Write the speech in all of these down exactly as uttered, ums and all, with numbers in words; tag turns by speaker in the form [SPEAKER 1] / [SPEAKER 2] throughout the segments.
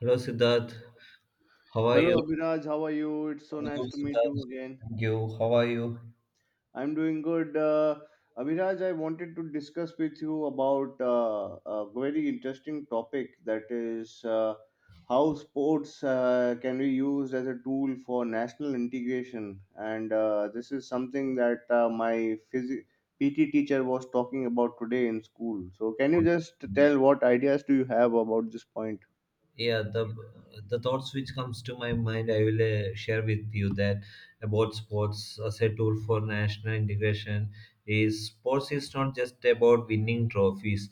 [SPEAKER 1] Hello, Siddharth. How are
[SPEAKER 2] Hello
[SPEAKER 1] you?
[SPEAKER 2] Abhiraj, how are you? It's so
[SPEAKER 1] I'm
[SPEAKER 2] nice
[SPEAKER 1] good,
[SPEAKER 2] to meet
[SPEAKER 1] Siddharth.
[SPEAKER 2] you again.
[SPEAKER 1] Thank you. How are you?
[SPEAKER 2] I'm doing good. Uh, Abhiraj, I wanted to discuss with you about uh, a very interesting topic, that is, uh, how sports uh, can be used as a tool for national integration. And uh, This is something that uh, my phys- P T teacher was talking about today in school. So, can you just tell what ideas do you have about this point?
[SPEAKER 1] yeah the the thoughts which comes to my mind I will uh, share with you that about sports as a tool for national integration is sports is not just about winning trophies,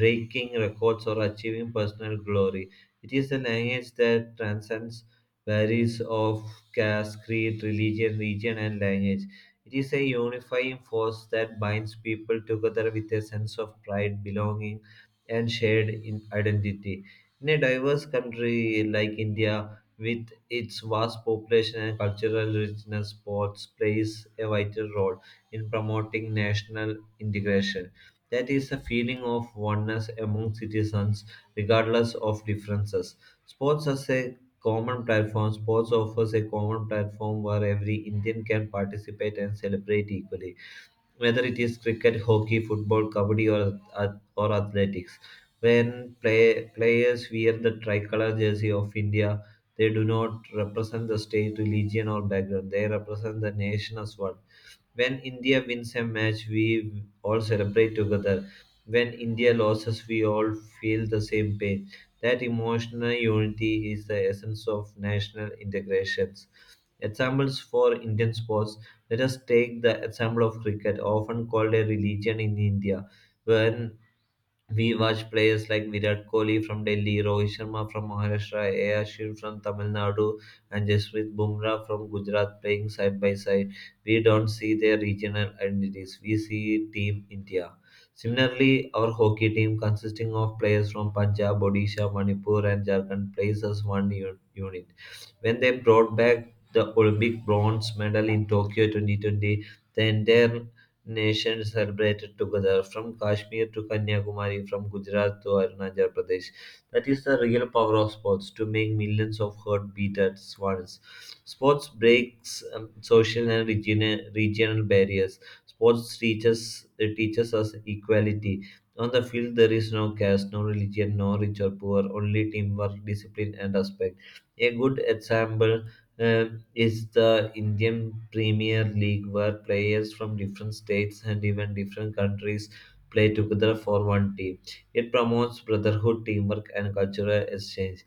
[SPEAKER 1] breaking records, or achieving personal glory. It is a language that transcends barriers of caste, creed, religion, region, and language. It is a unifying force that binds people together with a sense of pride, belonging, and shared in identity. In a diverse country like India, with its vast population and cultural richness, sports plays a vital role in promoting national integration. That is a feeling of oneness among citizens, regardless of differences. Sports as a common platform. Sports offers a common platform where every Indian can participate and celebrate equally, whether it is cricket, hockey, football, kabaddi, or ath- or athletics. When play, players wear the tricolor jersey of India, they do not represent the state, religion, or background. They represent the nation as one. When India wins a match, we all celebrate together. When India loses, we all feel the same pain. That emotional unity is the essence of national integration. Examples for Indian sports. Let us take the example of cricket, often called a religion in India, when we watch players like Virat Kohli from Delhi, Rohit Sharma from Maharashtra, A. R. Shah from Tamil Nadu, and Jasprit Bumrah from Gujarat playing side by side. We don't see their regional identities, we see Team India. Similarly, our hockey team, consisting of players from Punjab, Odisha, Manipur, and Jharkhand, plays as one u- unit. When they brought back the Olympic bronze medal in Tokyo twenty twenty, the entire nations celebrated together from Kashmir to Kanyakumari, from Gujarat to Arunachal Pradesh. That is the real power of sports to make millions of heart beat at once. Sports breaks um, social and region- regional barriers. Sports teaches it teaches us equality. On the field, there is no caste, no religion, no rich or poor, only teamwork, discipline, and respect. A good example uh, is the Indian Premier League, where players from different states and even different countries play together for one team. It promotes brotherhood, teamwork, and cultural exchange.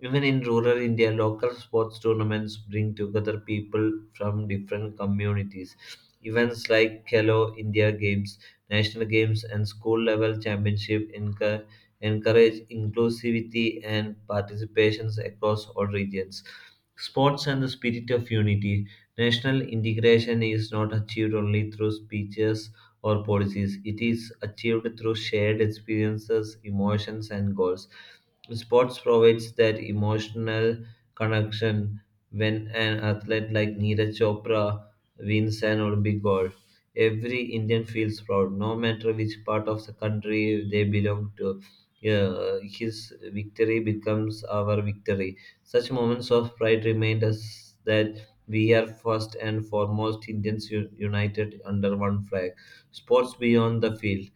[SPEAKER 1] Even in rural India, local sports tournaments bring together people from different communities. Events like Khelo India Games, national games, and school level championship encour- encourage inclusivity and participations across all regions. Sports and the spirit of unity. National integration is not achieved only through speeches or policies. It is achieved through shared experiences, emotions, and goals. Sports provides that emotional connection when an athlete like Neeraj Chopra wins an Olympic gold. Every Indian feels proud, no matter which part of the country they belong to. Yeah, his victory becomes our victory. Such moments of pride remind us that we are first and foremost Indians u- united under one flag. Sports beyond the field.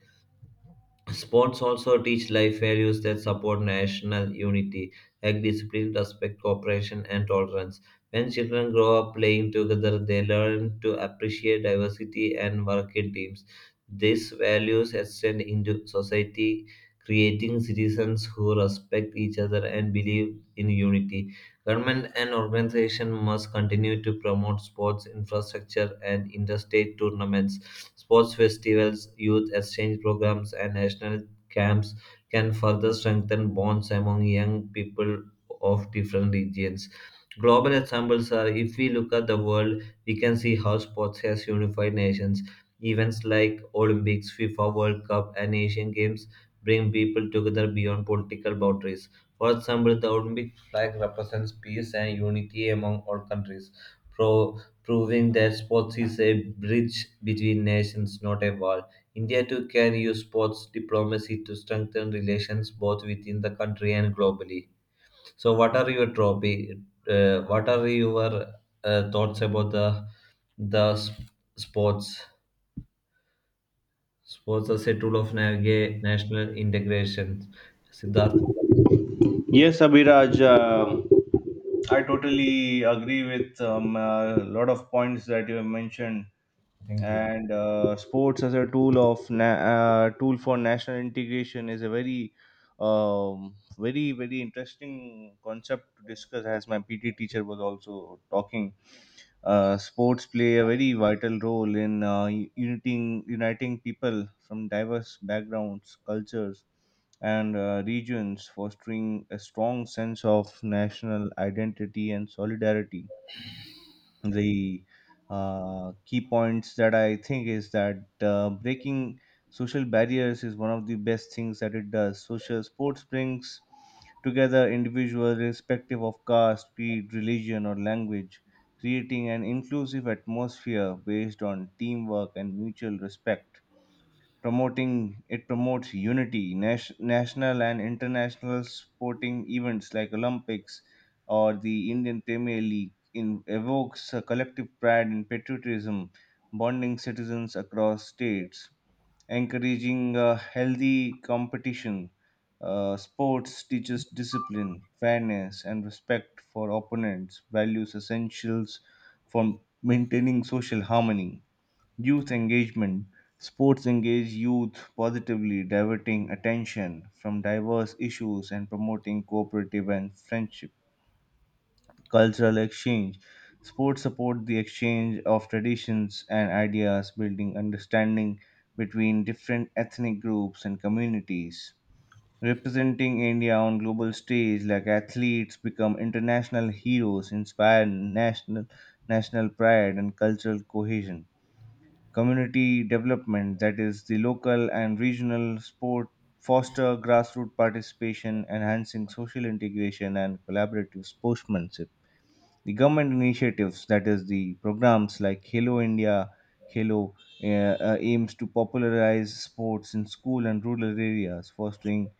[SPEAKER 1] Sports also teach life values that support national unity, like discipline, respect, cooperation, and tolerance. When children grow up playing together, they learn to appreciate diversity and work in teams. These values extend into society, creating citizens who respect each other and believe in unity. Government and organization must continue to promote sports infrastructure and interstate tournaments. Sports festivals, youth exchange programs, and national camps can further strengthen bonds among young people of different regions. Global examples are if we look at the world, we can see how sports has unified nations. Events like Olympics, FIFA World Cup, and Asian Games bring people together beyond political boundaries. For example, the Olympic flag represents peace and unity among all countries, pro- proving that sports is a bridge between nations, not a wall. India too can use sports diplomacy to strengthen relations both within the country and globally. So, what are your trophy? Uh, what are your uh, thoughts about the the s- sports? Sports as a tool of naviga- national integration. Siddharth,
[SPEAKER 2] Yes, Abhiraj, um I totally agree with um, a lot of points that you have mentioned.
[SPEAKER 1] thank you.
[SPEAKER 2] And uh, sports as a tool of na- uh, tool for national integration is a very, um, very, very interesting concept to discuss. As my P T teacher was also talking, uh, sports play a very vital role in uh, uniting uniting people from diverse backgrounds, cultures, and uh, regions, fostering a strong sense of national identity and solidarity. The uh, key points that I think is that uh, breaking social barriers is one of the best things that it does. Social sports brings together individuals irrespective of caste, creed, religion, or language, creating an inclusive atmosphere based on teamwork and mutual respect. Promoting, it promotes unity. Nas- national and international sporting events like olympics or the indian premier league in, evokes a collective pride and patriotism, bonding citizens across states, encouraging a healthy competition. Uh, sports teaches discipline, fairness and respect for opponents, values essentials for maintaining social harmony. Youth engagement. Sports engage youth positively, diverting attention from diverse issues and promoting cooperative and friendship. Cultural exchange, spreading between regional, national, communal sport participation and collaborative sportsmanship. The government initiatives, that is the programs like Halo India, Halo, uh, uh, aims to popularize sports in school and rural areas, fostering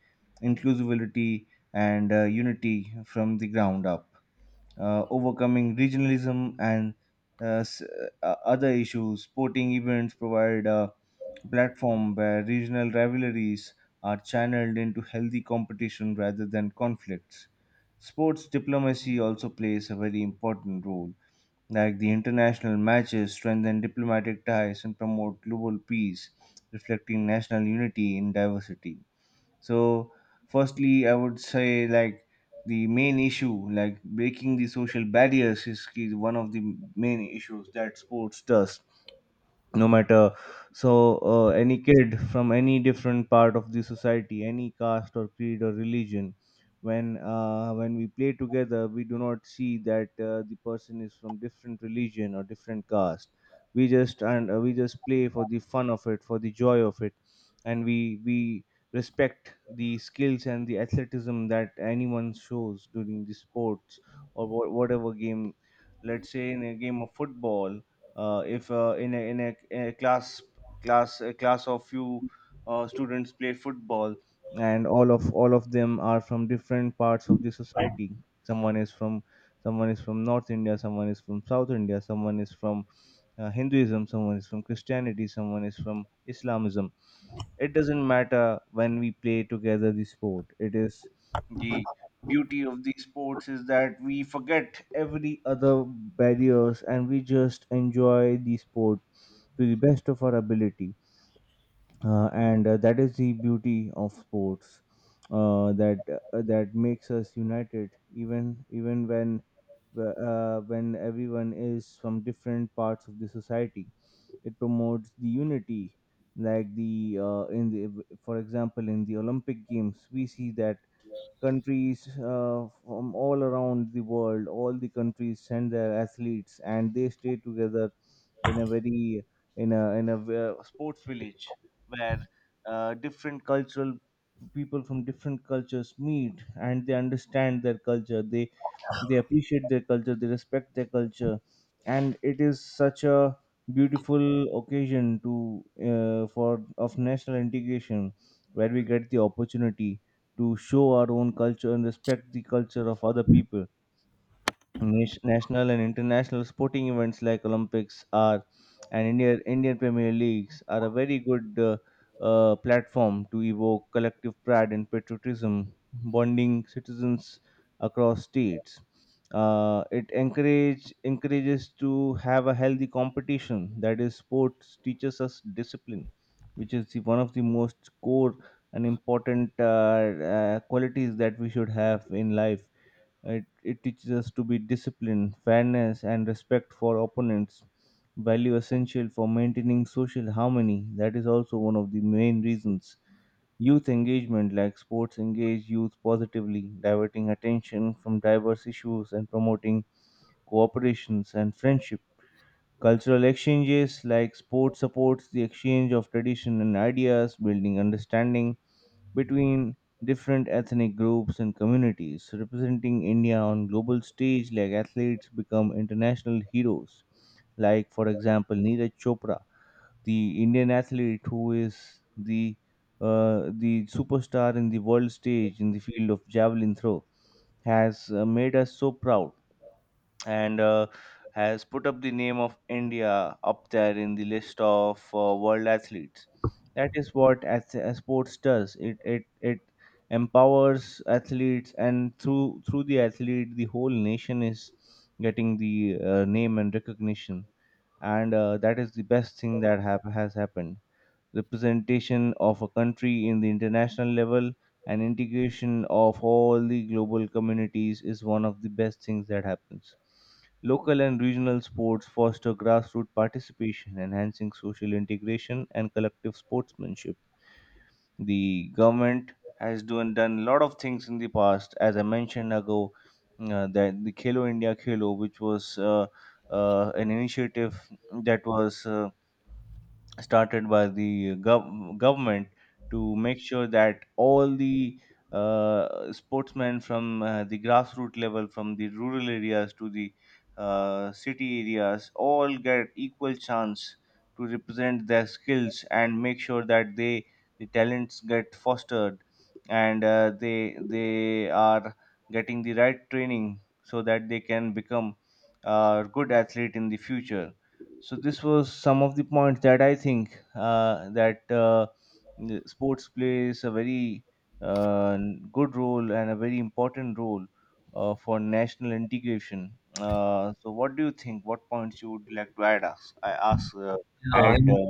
[SPEAKER 2] inclusivity, and uh, unity from the ground up, uh, overcoming regionalism and uh, s- uh, other issues. Sporting events provide a platform where regional rivalries are channeled into healthy competition rather than conflicts. Sports diplomacy also plays a very important role, like the international matches strengthen diplomatic ties and promote global peace, reflecting national unity in diversity. So, firstly, I would say, like, the main issue, like breaking the social barriers, is is one of the main issues that sports does. No matter, so uh, any kid from any different part of the society, any caste or creed or religion, when uh, when we play together, we do not see that uh, the person is from different religion or different caste. We just, and uh, we just play for the fun of it, for the joy of it, and we we respect the skills and the athleticism that anyone shows during the sports or wha- whatever game. Let's say in a game of football, uh, if uh, in, a, in, a, in a class, class a class of few uh, students play football, and all of all of them are from different parts of the society. someone is from Someone is from north india, someone is from south india, someone is from uh, hinduism, someone is from christianity, someone is from islamism. It doesn't matter, when we play together, the sport it is the sports is that we forget every other barriers and we just enjoy the sport to the best of our ability. Uh, and uh, That is the beauty of sports, uh, that uh, that makes us united even even when uh, when everyone is from different parts of the society. It promotes the unity, like the uh, in the, for example, in the olympic games, we see that countries uh, from all around the world, all the countries send their athletes and they stay together in a very, in a, in a ve- sports village, where uh, different cultural people from different cultures meet, and they understand their culture, they they appreciate their culture, they respect their culture, and it is such a beautiful occasion to, uh, for, of national integration, where we get the opportunity to show our own culture and respect the culture of other people. Nat- national and international sporting events like Olympics are, and Indian Indian Premier Leagues are a very good uh, uh, platform to evoke collective pride and patriotism, bonding citizens across states. Uh, it encourage encourages to have a healthy competition. That is, sports teaches us discipline, which is the, one of the most core and important uh, uh, qualities that we should have in life. It, it teaches us to be disciplined, fairness, and respect for opponents, value essential for maintaining social harmony. That is also one of the main reasons. Youth engagement, like sports, engage youth positively, diverting attention from diverse issues and promoting cooperations and friendship. Cultural exchanges, like sports, supports the exchange of tradition and ideas, building understanding between different ethnic groups and communities, representing India on global stage, like athletes become international heroes. Like for example, Neeraj Chopra, the Indian athlete who is the uh, the superstar in the world stage in the field of javelin throw, has uh, made us so proud, and uh, has put up the name of India up there in the list of uh, world athletes. That is what ath- uh, sports does. It it it empowers athletes, and through through the athlete, the whole nation is getting the uh, name and recognition, and uh, that is the best thing that have has happened. Representation of a country in the international level and integration of all the global communities is one of the best things that happens. Local and regional sports foster grassroots participation, enhancing social integration and collective sportsmanship. The government has done, done a lot of things in the past, as I mentioned ago, uh, that the Khelo India Khelo, which was uh, uh, an initiative that was uh, started by the gov- government, to make sure that all the uh, sportsmen from uh, the grassroots level, from the rural areas to the uh, city areas, all get equal chance to represent their skills and make sure that they, the talents get fostered, and uh, they they are getting the right training so that they can become a good athlete in the future. So this was some of the points that I think, uh, that uh, the sports plays a very uh, n- good role and a very important role uh, for national integration. Uh, so what do you think, what points you would like to add us I ask, uh,
[SPEAKER 1] yeah, I
[SPEAKER 2] add uh,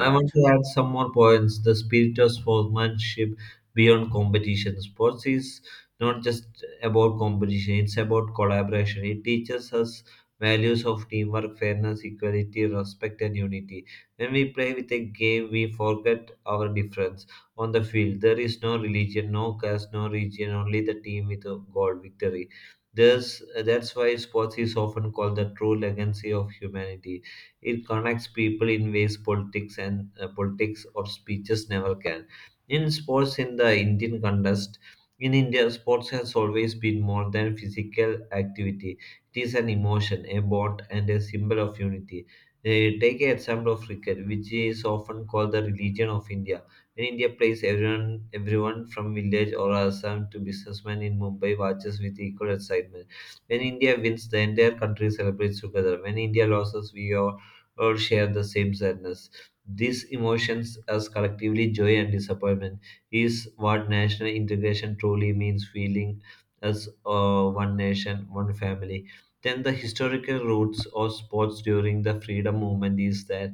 [SPEAKER 1] I want to add some more points. The spirit of sportsmanship beyond competition. Sports is not just about competition, it's about collaboration. It teaches us values of teamwork, fairness, equality, respect, and unity. When we play with a game, we forget our difference. On the field, there is no religion, no caste, no region, only the team with a goal victory. There's, that's why sports is often called the true legacy of humanity. It connects people in ways politics and uh, politics or speeches never can. In sports, in the Indian contest, in India, sports has always been more than physical activity. It is an emotion, a bond, and a symbol of unity. Uh, take an example of cricket, which is often called the religion of India. In India plays, everyone, everyone from village or Assam to businessman in Mumbai watches with equal excitement. When India wins, the entire country celebrates together. When India loses, we all or share the same sadness. These emotions, as collectively joy and disappointment, is what national integration truly means feeling as uh, one nation, one family. Then, the historical roots of sports during the freedom movement is that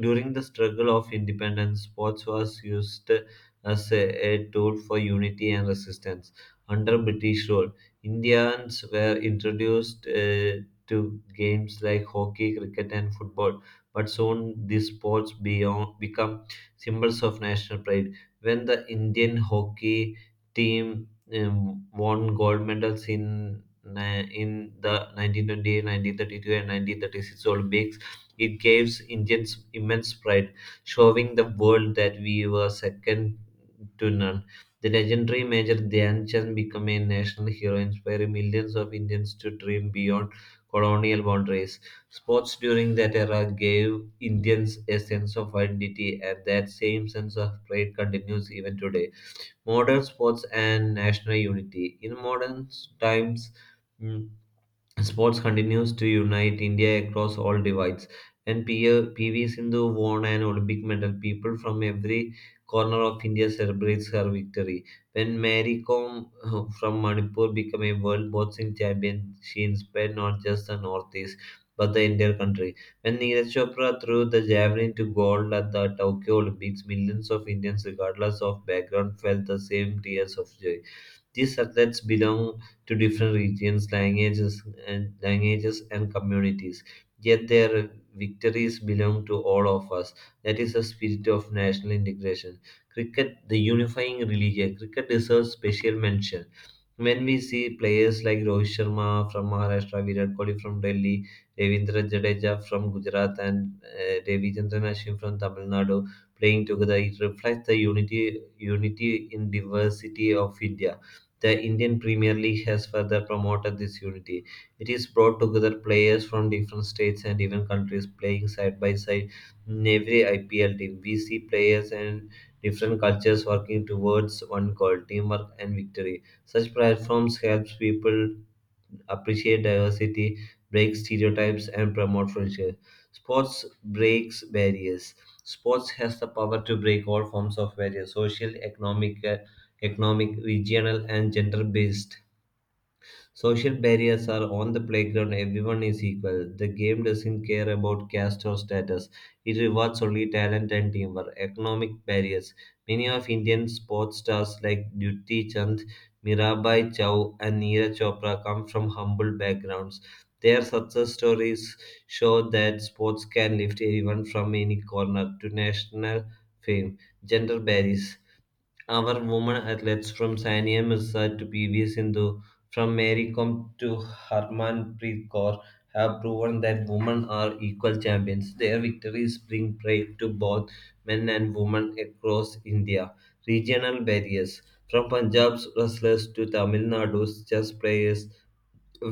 [SPEAKER 1] during the struggle of independence, sports was used as a, a tool for unity and resistance. Under British rule, Indians were introduced uh, to games like hockey, cricket, and football, but soon these sports beyond, become symbols of national pride. When the Indian hockey team um, won gold medals in, ni- in the nineteen twenty-eight, nineteen thirty-two, and nineteen thirty-six Olympics, it gives Indians immense pride, showing the world that we were second to none. The legendary Major Dhyan Chand became a national hero, inspiring millions of Indians to dream beyond colonial boundaries. Sports during that era gave Indians a sense of identity, and that same sense of pride continues even today. Modern sports and national unity. In modern times, mm, sports continues to unite India across all divides. When P- PV Sindhu won an Olympic medal, people from every corner of India celebrates her victory. When Mary Kom uh, from Manipur became a world boxing champion, she inspired not just the Northeast but the entire country. When Neeraj Chopra threw the javelin to gold at the Tokyo Olympics, millions of Indians, regardless of background, felt the same tears of joy. These subjects belong to different regions, languages, and languages, and communities. Yet their victories belong to all of us. That is the spirit of national integration. Cricket, the unifying religion. Cricket deserves special mention when we see players like Rohit Sharma from Maharashtra, Virat Kohli from Delhi, Ravindra Jadeja from Gujarat, and uh, Devi Chandran Ashwin from Tamil Nadu playing together, it reflects the unity unity in diversity of India. The Indian Premier League has further promoted this unity. It is brought together players from different states and even countries playing side by side in every I P L team. We see players and different cultures working towards one goal, teamwork and victory. Such platforms helps people appreciate diversity, break stereotypes, and promote friendship. Sports breaks barriers. Sports has the power to break all forms of barriers, social, economic, economic, regional, and gender-based. Social barriers are on the playground, everyone is equal. The game doesn't care about caste or status, it rewards only talent and teamwork. Economic barriers. Many of Indian sports stars like Dutti Chand, Mirabai Chow, and Neeraj Chopra come from humble backgrounds. Their success stories show that sports can lift anyone from any corner to national fame. Gender barriers, our women athletes from Sania Mirza to P V Sindhu, from Mary Kom to Harmanpreet Kaur, have proven that women are equal champions. Their victories bring pride to both men and women across India. Regional barriers. From Punjab's wrestlers to Tamil Nadu's chess players,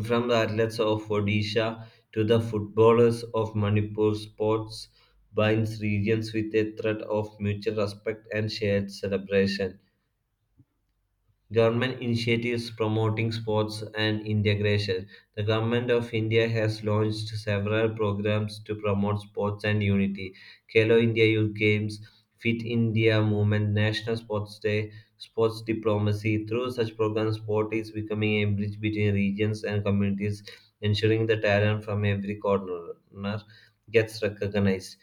[SPEAKER 1] from the athletes of Odisha to the footballers of Manipur, sports binds regions with a thread of mutual respect and shared celebration. Government initiatives promoting sports and integration. The Government of India has launched several programs to promote sports and unity. Khelo India Youth Games, Fit India Movement, National Sports Day, Sports Diplomacy. Through such programs, sport is becoming a bridge between regions and communities, ensuring the talent from every corner gets recognized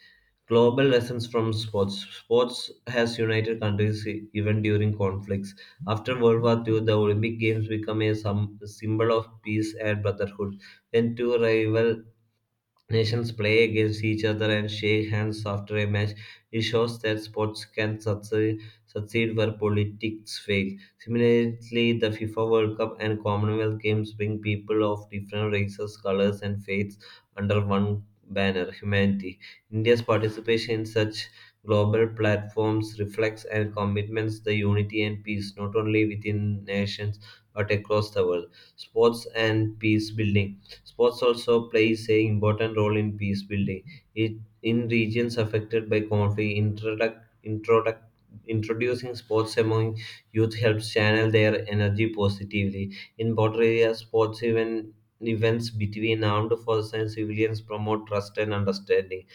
[SPEAKER 1] global lessons from sports sports has united countries e- even during conflicts after World War two, the Olympic Games became a sum- symbol of peace and brotherhood. When two rival nations play against each other and shake hands after a match. It shows that sports can succeed, succeed where politics fail. Similarly, the FIFA World Cup and Commonwealth Games bring people of different races, colors, and faiths under one banner, humanity. India's participation in such global platforms reflects and commitments the unity and peace not only within nations but across the world. Sports and peace building. Sports also plays a important role in peace building. It in regions affected by conflict, introduct, introduct, introducing sports among youth helps channel their energy positively. In border areas, sports even events between armed forces and civilians promote trust and understanding.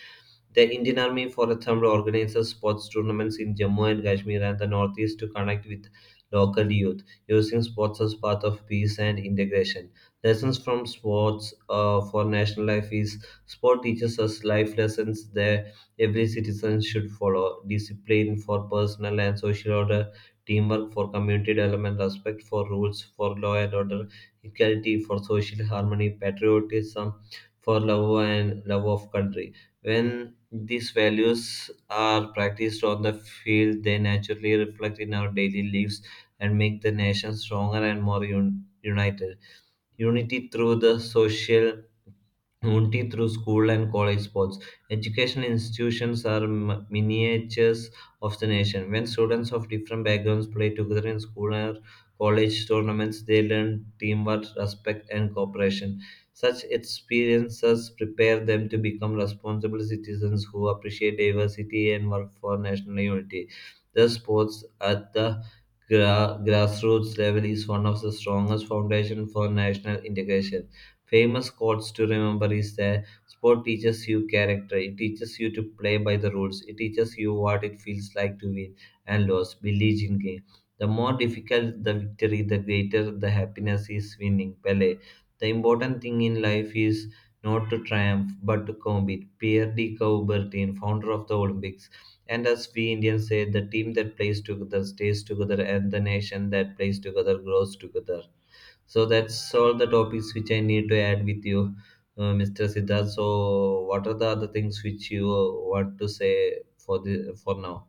[SPEAKER 1] The Indian Army for a Thumb organizes sports tournaments in Jammu and Kashmir and the Northeast to connect with local youth, using sports as part of peace and integration. Lessons from sports uh, for national life is sport teaches us life lessons that every citizen should follow: discipline for personal and social order, teamwork for community development, respect for rules for law and order, equality for social harmony, patriotism for love and love of country. When these values are practiced on the field, they naturally reflect in our daily lives and make the nation stronger and more un- united. Unity through the social only through school and college sports, education institutions are m- miniatures of the nation. When students of different backgrounds play together in school or college tournaments, they learn teamwork, respect, and cooperation. Such experiences prepare them to become responsible citizens who appreciate diversity and work for national unity. The sports at the gra- grassroots level is one of the strongest foundations for national integration. Famous quotes to remember is that sport teaches you character, it teaches you to play by the rules, it teaches you what it feels like to win and lose. Believe in game. The more difficult the victory, the greater the happiness is winning. Pele. The important thing in life is not to triumph but to compete. Pierre de Coubertin, founder of the Olympics. And as we Indians say, the team that plays together stays together, and the nation that plays together grows together. So that's all the topics which I need to add with you, uh, mister Siddharth. So what are the other things which you uh, want to say for the for now?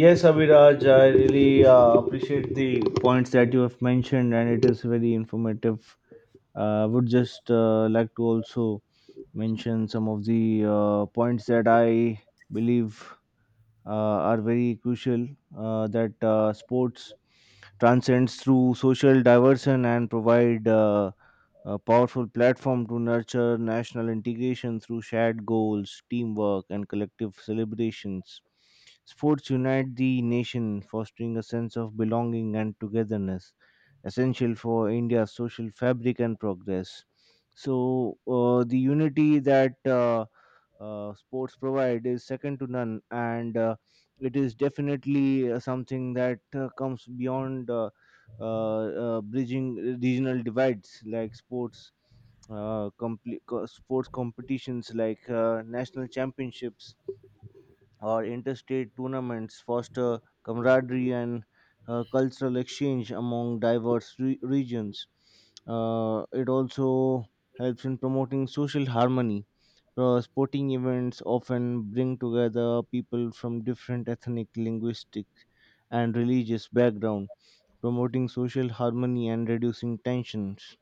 [SPEAKER 2] Yes Abhiraj, I really uh, appreciate the points that you have mentioned, and it is very informative. I would just uh, like to also mention some of the uh, points that I believe uh, are very crucial, uh, that uh, sports transcends through social diversion and provide uh, a powerful platform to nurture national integration through shared goals, teamwork, and collective celebrations. Sports unite the nation, fostering a sense of belonging and togetherness essential for India's social fabric and progress. So uh, the unity that uh, uh, sports provide is second to none, and uh, it is definitely uh, something that uh, comes beyond uh, uh, uh, bridging regional divides like sports. Uh, complete sports competitions like uh, national championships or interstate tournaments foster camaraderie and uh, cultural exchange among diverse re- regions. Uh, it also helps in promoting social harmony. Uh, sporting events often bring together people from different ethnic, linguistic, and religious backgrounds, promoting social harmony and reducing tensions,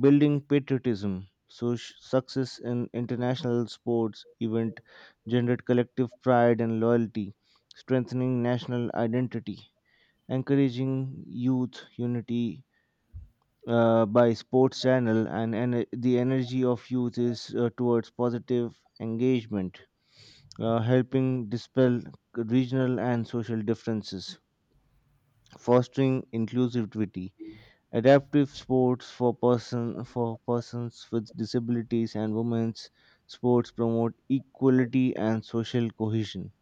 [SPEAKER 2] building patriotism. So sh- success in international sports event generated collective pride and loyalty, strengthening national identity, encouraging youth unity. Uh, by sports channel and en- the energy of youth is uh, towards positive engagement, uh, helping dispel regional and social differences, fostering inclusivity. Adaptive sports for person, for persons with disabilities, and women's sports promote equality and social cohesion.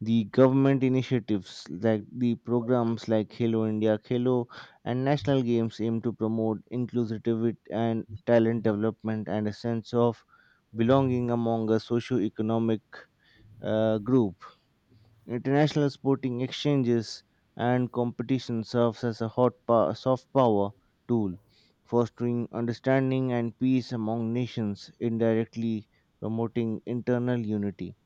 [SPEAKER 2] The government initiatives like the programs like Halo India Hello and national games aim to promote inclusivity and talent development and a sense of belonging among a socio-economic uh, group. International sporting exchanges and competition serves as a hot pow- soft power tool, fostering understanding and peace among nations, indirectly promoting internal unity.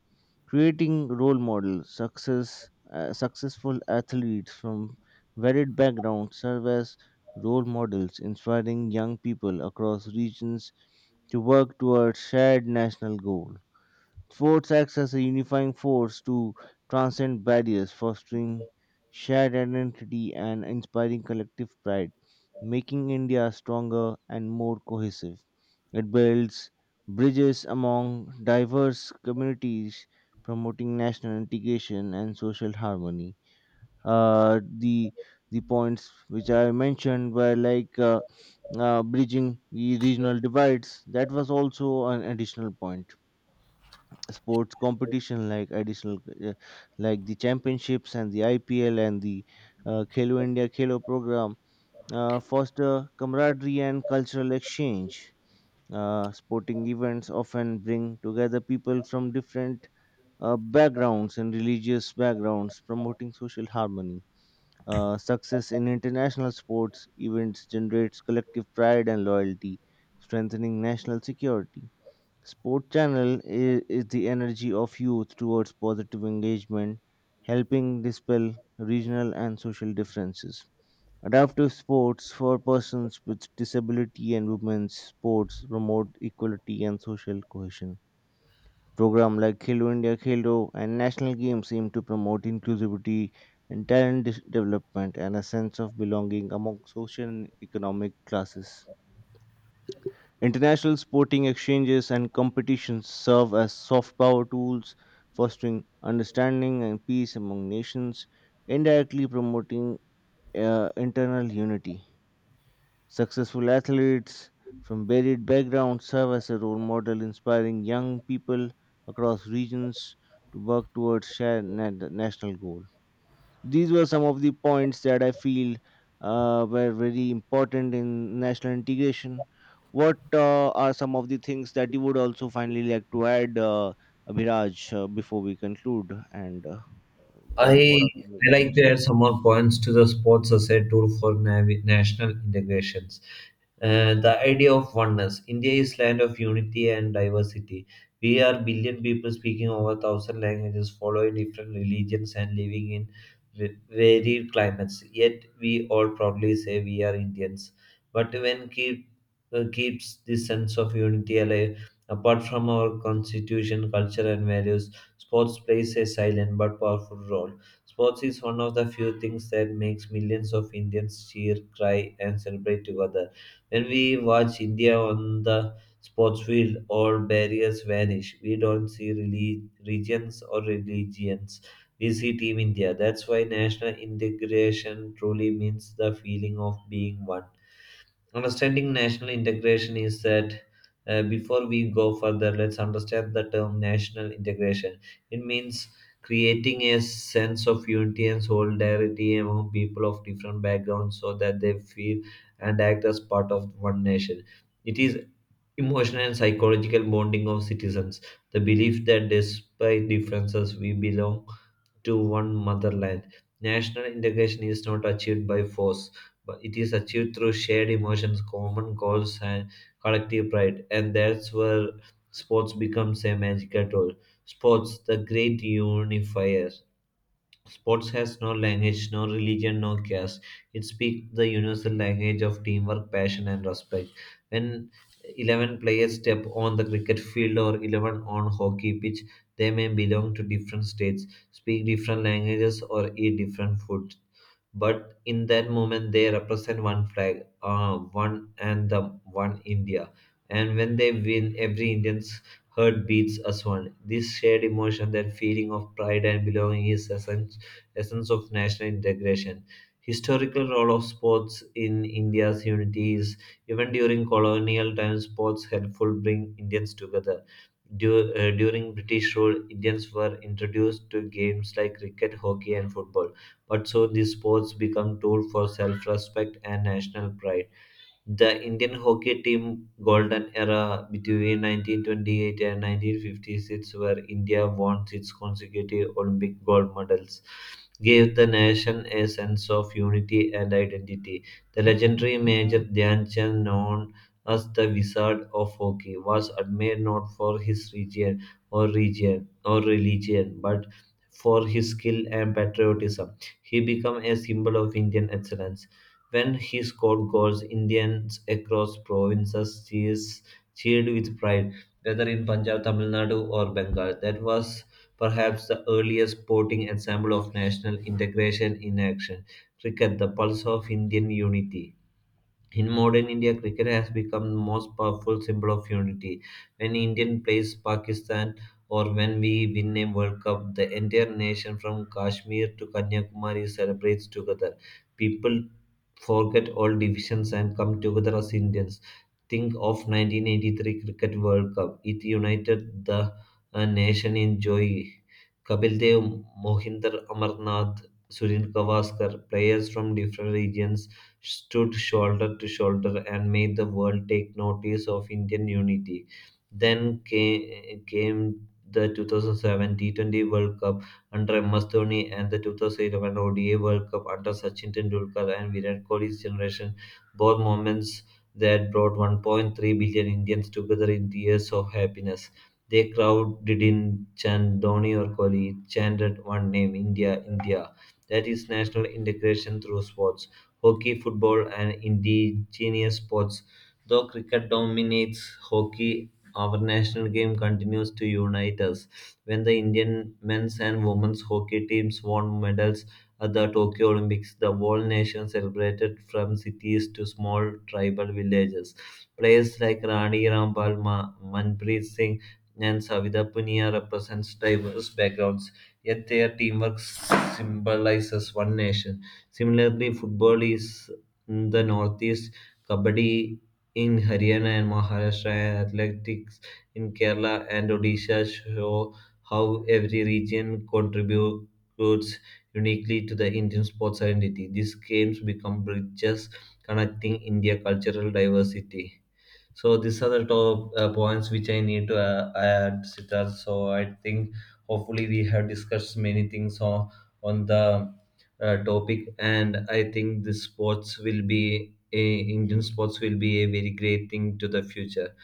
[SPEAKER 2] Creating role models, success, uh, successful athletes from varied backgrounds serve as role models, inspiring young people across regions to work towards shared national goals. Sports acts as a unifying force to transcend barriers, fostering shared identity and inspiring collective pride, making India stronger and more cohesive. It builds bridges among diverse communities, promoting national integration and social harmony. Uh, the the points which I mentioned were like uh, uh, bridging the regional divides. That was also an additional point. Sports competition like additional uh, like the championships and the I P L and the uh, Khelo India Khelo program uh, foster camaraderie and cultural exchange. Uh, sporting events often bring together people from different uh, backgrounds and religious backgrounds, promoting social harmony. Uh, success in international sports events generates collective pride and loyalty, strengthening national security. Sport Channel is, is the energy of youth towards positive engagement, helping dispel regional and social differences. Adaptive sports for persons with disability and women's sports promote equality and social cohesion. Program like Khelo India Khelo and national games aim to promote inclusivity and talent dis- development and a sense of belonging among social and economic classes. International sporting exchanges and competitions serve as soft power tools, fostering understanding and peace among nations, indirectly promoting uh, internal unity. Successful athletes from varied backgrounds serve as a role model, inspiring young people across regions to work towards shared na- national goal. These were some of the points that I feel uh, were very important in national integration. What uh, are some of the things that you would also finally like to add, uh, Abhiraj, uh, before we conclude? And uh, what what
[SPEAKER 1] I
[SPEAKER 2] are some of the
[SPEAKER 1] I like
[SPEAKER 2] points?
[SPEAKER 1] to add some more points to the sports as a tool for nav- national integration. Uh, the idea of oneness. India is land of unity and diversity. We are billion people speaking over thousand languages, following different religions and living in v- varied climates. Yet we all proudly say we are Indians. But when keep uh, keeps this sense of unity alive, apart from our constitution, culture, and values, sports plays a silent but powerful role. Sports is one of the few things that makes millions of Indians cheer, cry, and celebrate together. When we watch India on the sports field, all barriers vanish. We don't see relig- regions or religions. We see Team India. That's why national integration truly means the feeling of being one. Understanding national integration is that uh, before we go further, let's understand the term national integration. It means creating a sense of unity and solidarity among people of different backgrounds so that they feel and act as part of one nation. It is emotional and psychological bonding of citizens, the belief that despite differences, we belong to one motherland. National integration is not achieved by force, but it is achieved through shared emotions, common goals, and collective pride. And that's where sports becomes a magical tool. Sports, the great unifier. Sports has no language, no religion, no caste. It speaks the universal language of teamwork, passion, and respect. When eleven players step on the cricket field or eleven on hockey pitch, they may belong to different states, speak different languages, or eat different food, but in that moment they represent one flag, uh, one and the one India. And when they win, every Indian's heart beats as one. This shared emotion, that feeling of pride and belonging is essence, essence of national integration. Historical role of sports in India's unity is even during colonial times sports helpful bring Indians together. Du- uh, during British rule Indians were introduced to games like cricket, hockey and football, but soon these sports become tools for self-respect and national pride. The Indian hockey team golden era between nineteen twenty-eight and nineteen fifty-six, where India won six consecutive Olympic gold medals, gave the nation a sense of unity and identity. The legendary Major Dhyan Chand, known as the Wizard of Hockey, was admired not for his region or region or religion, but for his skill and patriotism. He became a symbol of Indian excellence. When he scored goals, Indians across provinces cheers, cheered with pride, whether in Punjab, Tamil Nadu, or Bengal. That was perhaps the earliest sporting example of national integration in action. Cricket, the pulse of Indian unity. In modern India, cricket has become the most powerful symbol of unity. When Indian plays Pakistan or when we win a World Cup, the entire nation from Kashmir to Kanyakumari celebrates together. People forget all divisions and come together as Indians. Think of nineteen eighty-three Cricket World Cup. It united the uh, nation in joy. Kapil Dev, Mohinder Amarnath, Surin Gavaskar, players from different regions, stood shoulder to shoulder and made the world take notice of Indian unity. Then came, came the two thousand seven T twenty World Cup under M S Dhoni and the twenty eleven O D I World Cup under Sachin Tendulkar and Virat Kohli's generation. Both moments that brought one point three billion Indians together in tears of happiness. They crowd didn't chant Dhoni or Kohli, it chanted one name, India, India. That is national integration through sports. Hockey, football, and indigenous sports. Though cricket dominates hockey, our national game continues to unite us. When the Indian men's and women's hockey teams won medals at the Tokyo Olympics, the whole nation celebrated from cities to small tribal villages. Players like Rani Rampal, Ma- Manpreet Singh, and Savita Punia represents diverse backgrounds, yet their teamwork symbolizes one nation. Similarly, football is in the northeast, kabaddi in Haryana and Maharashtra, and athletics in Kerala and Odisha show how every region contributes uniquely to the Indian sports identity. These games become bridges connecting India cultural diversity. So these are the top uh, points which I need to uh, add, Sitar. So I think hopefully we have discussed many things on on the uh, topic, and I think the sports will be a, Indian sports will be a very great thing to the future.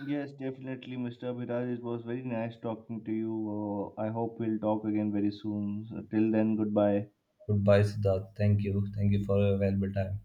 [SPEAKER 2] Yes, definitely, mister Abhiraj. It was very nice talking to you. Uh, I hope we'll talk again very soon. So, till then, goodbye.
[SPEAKER 1] Goodbye, Siddharth. Thank you. Thank you for a valuable time.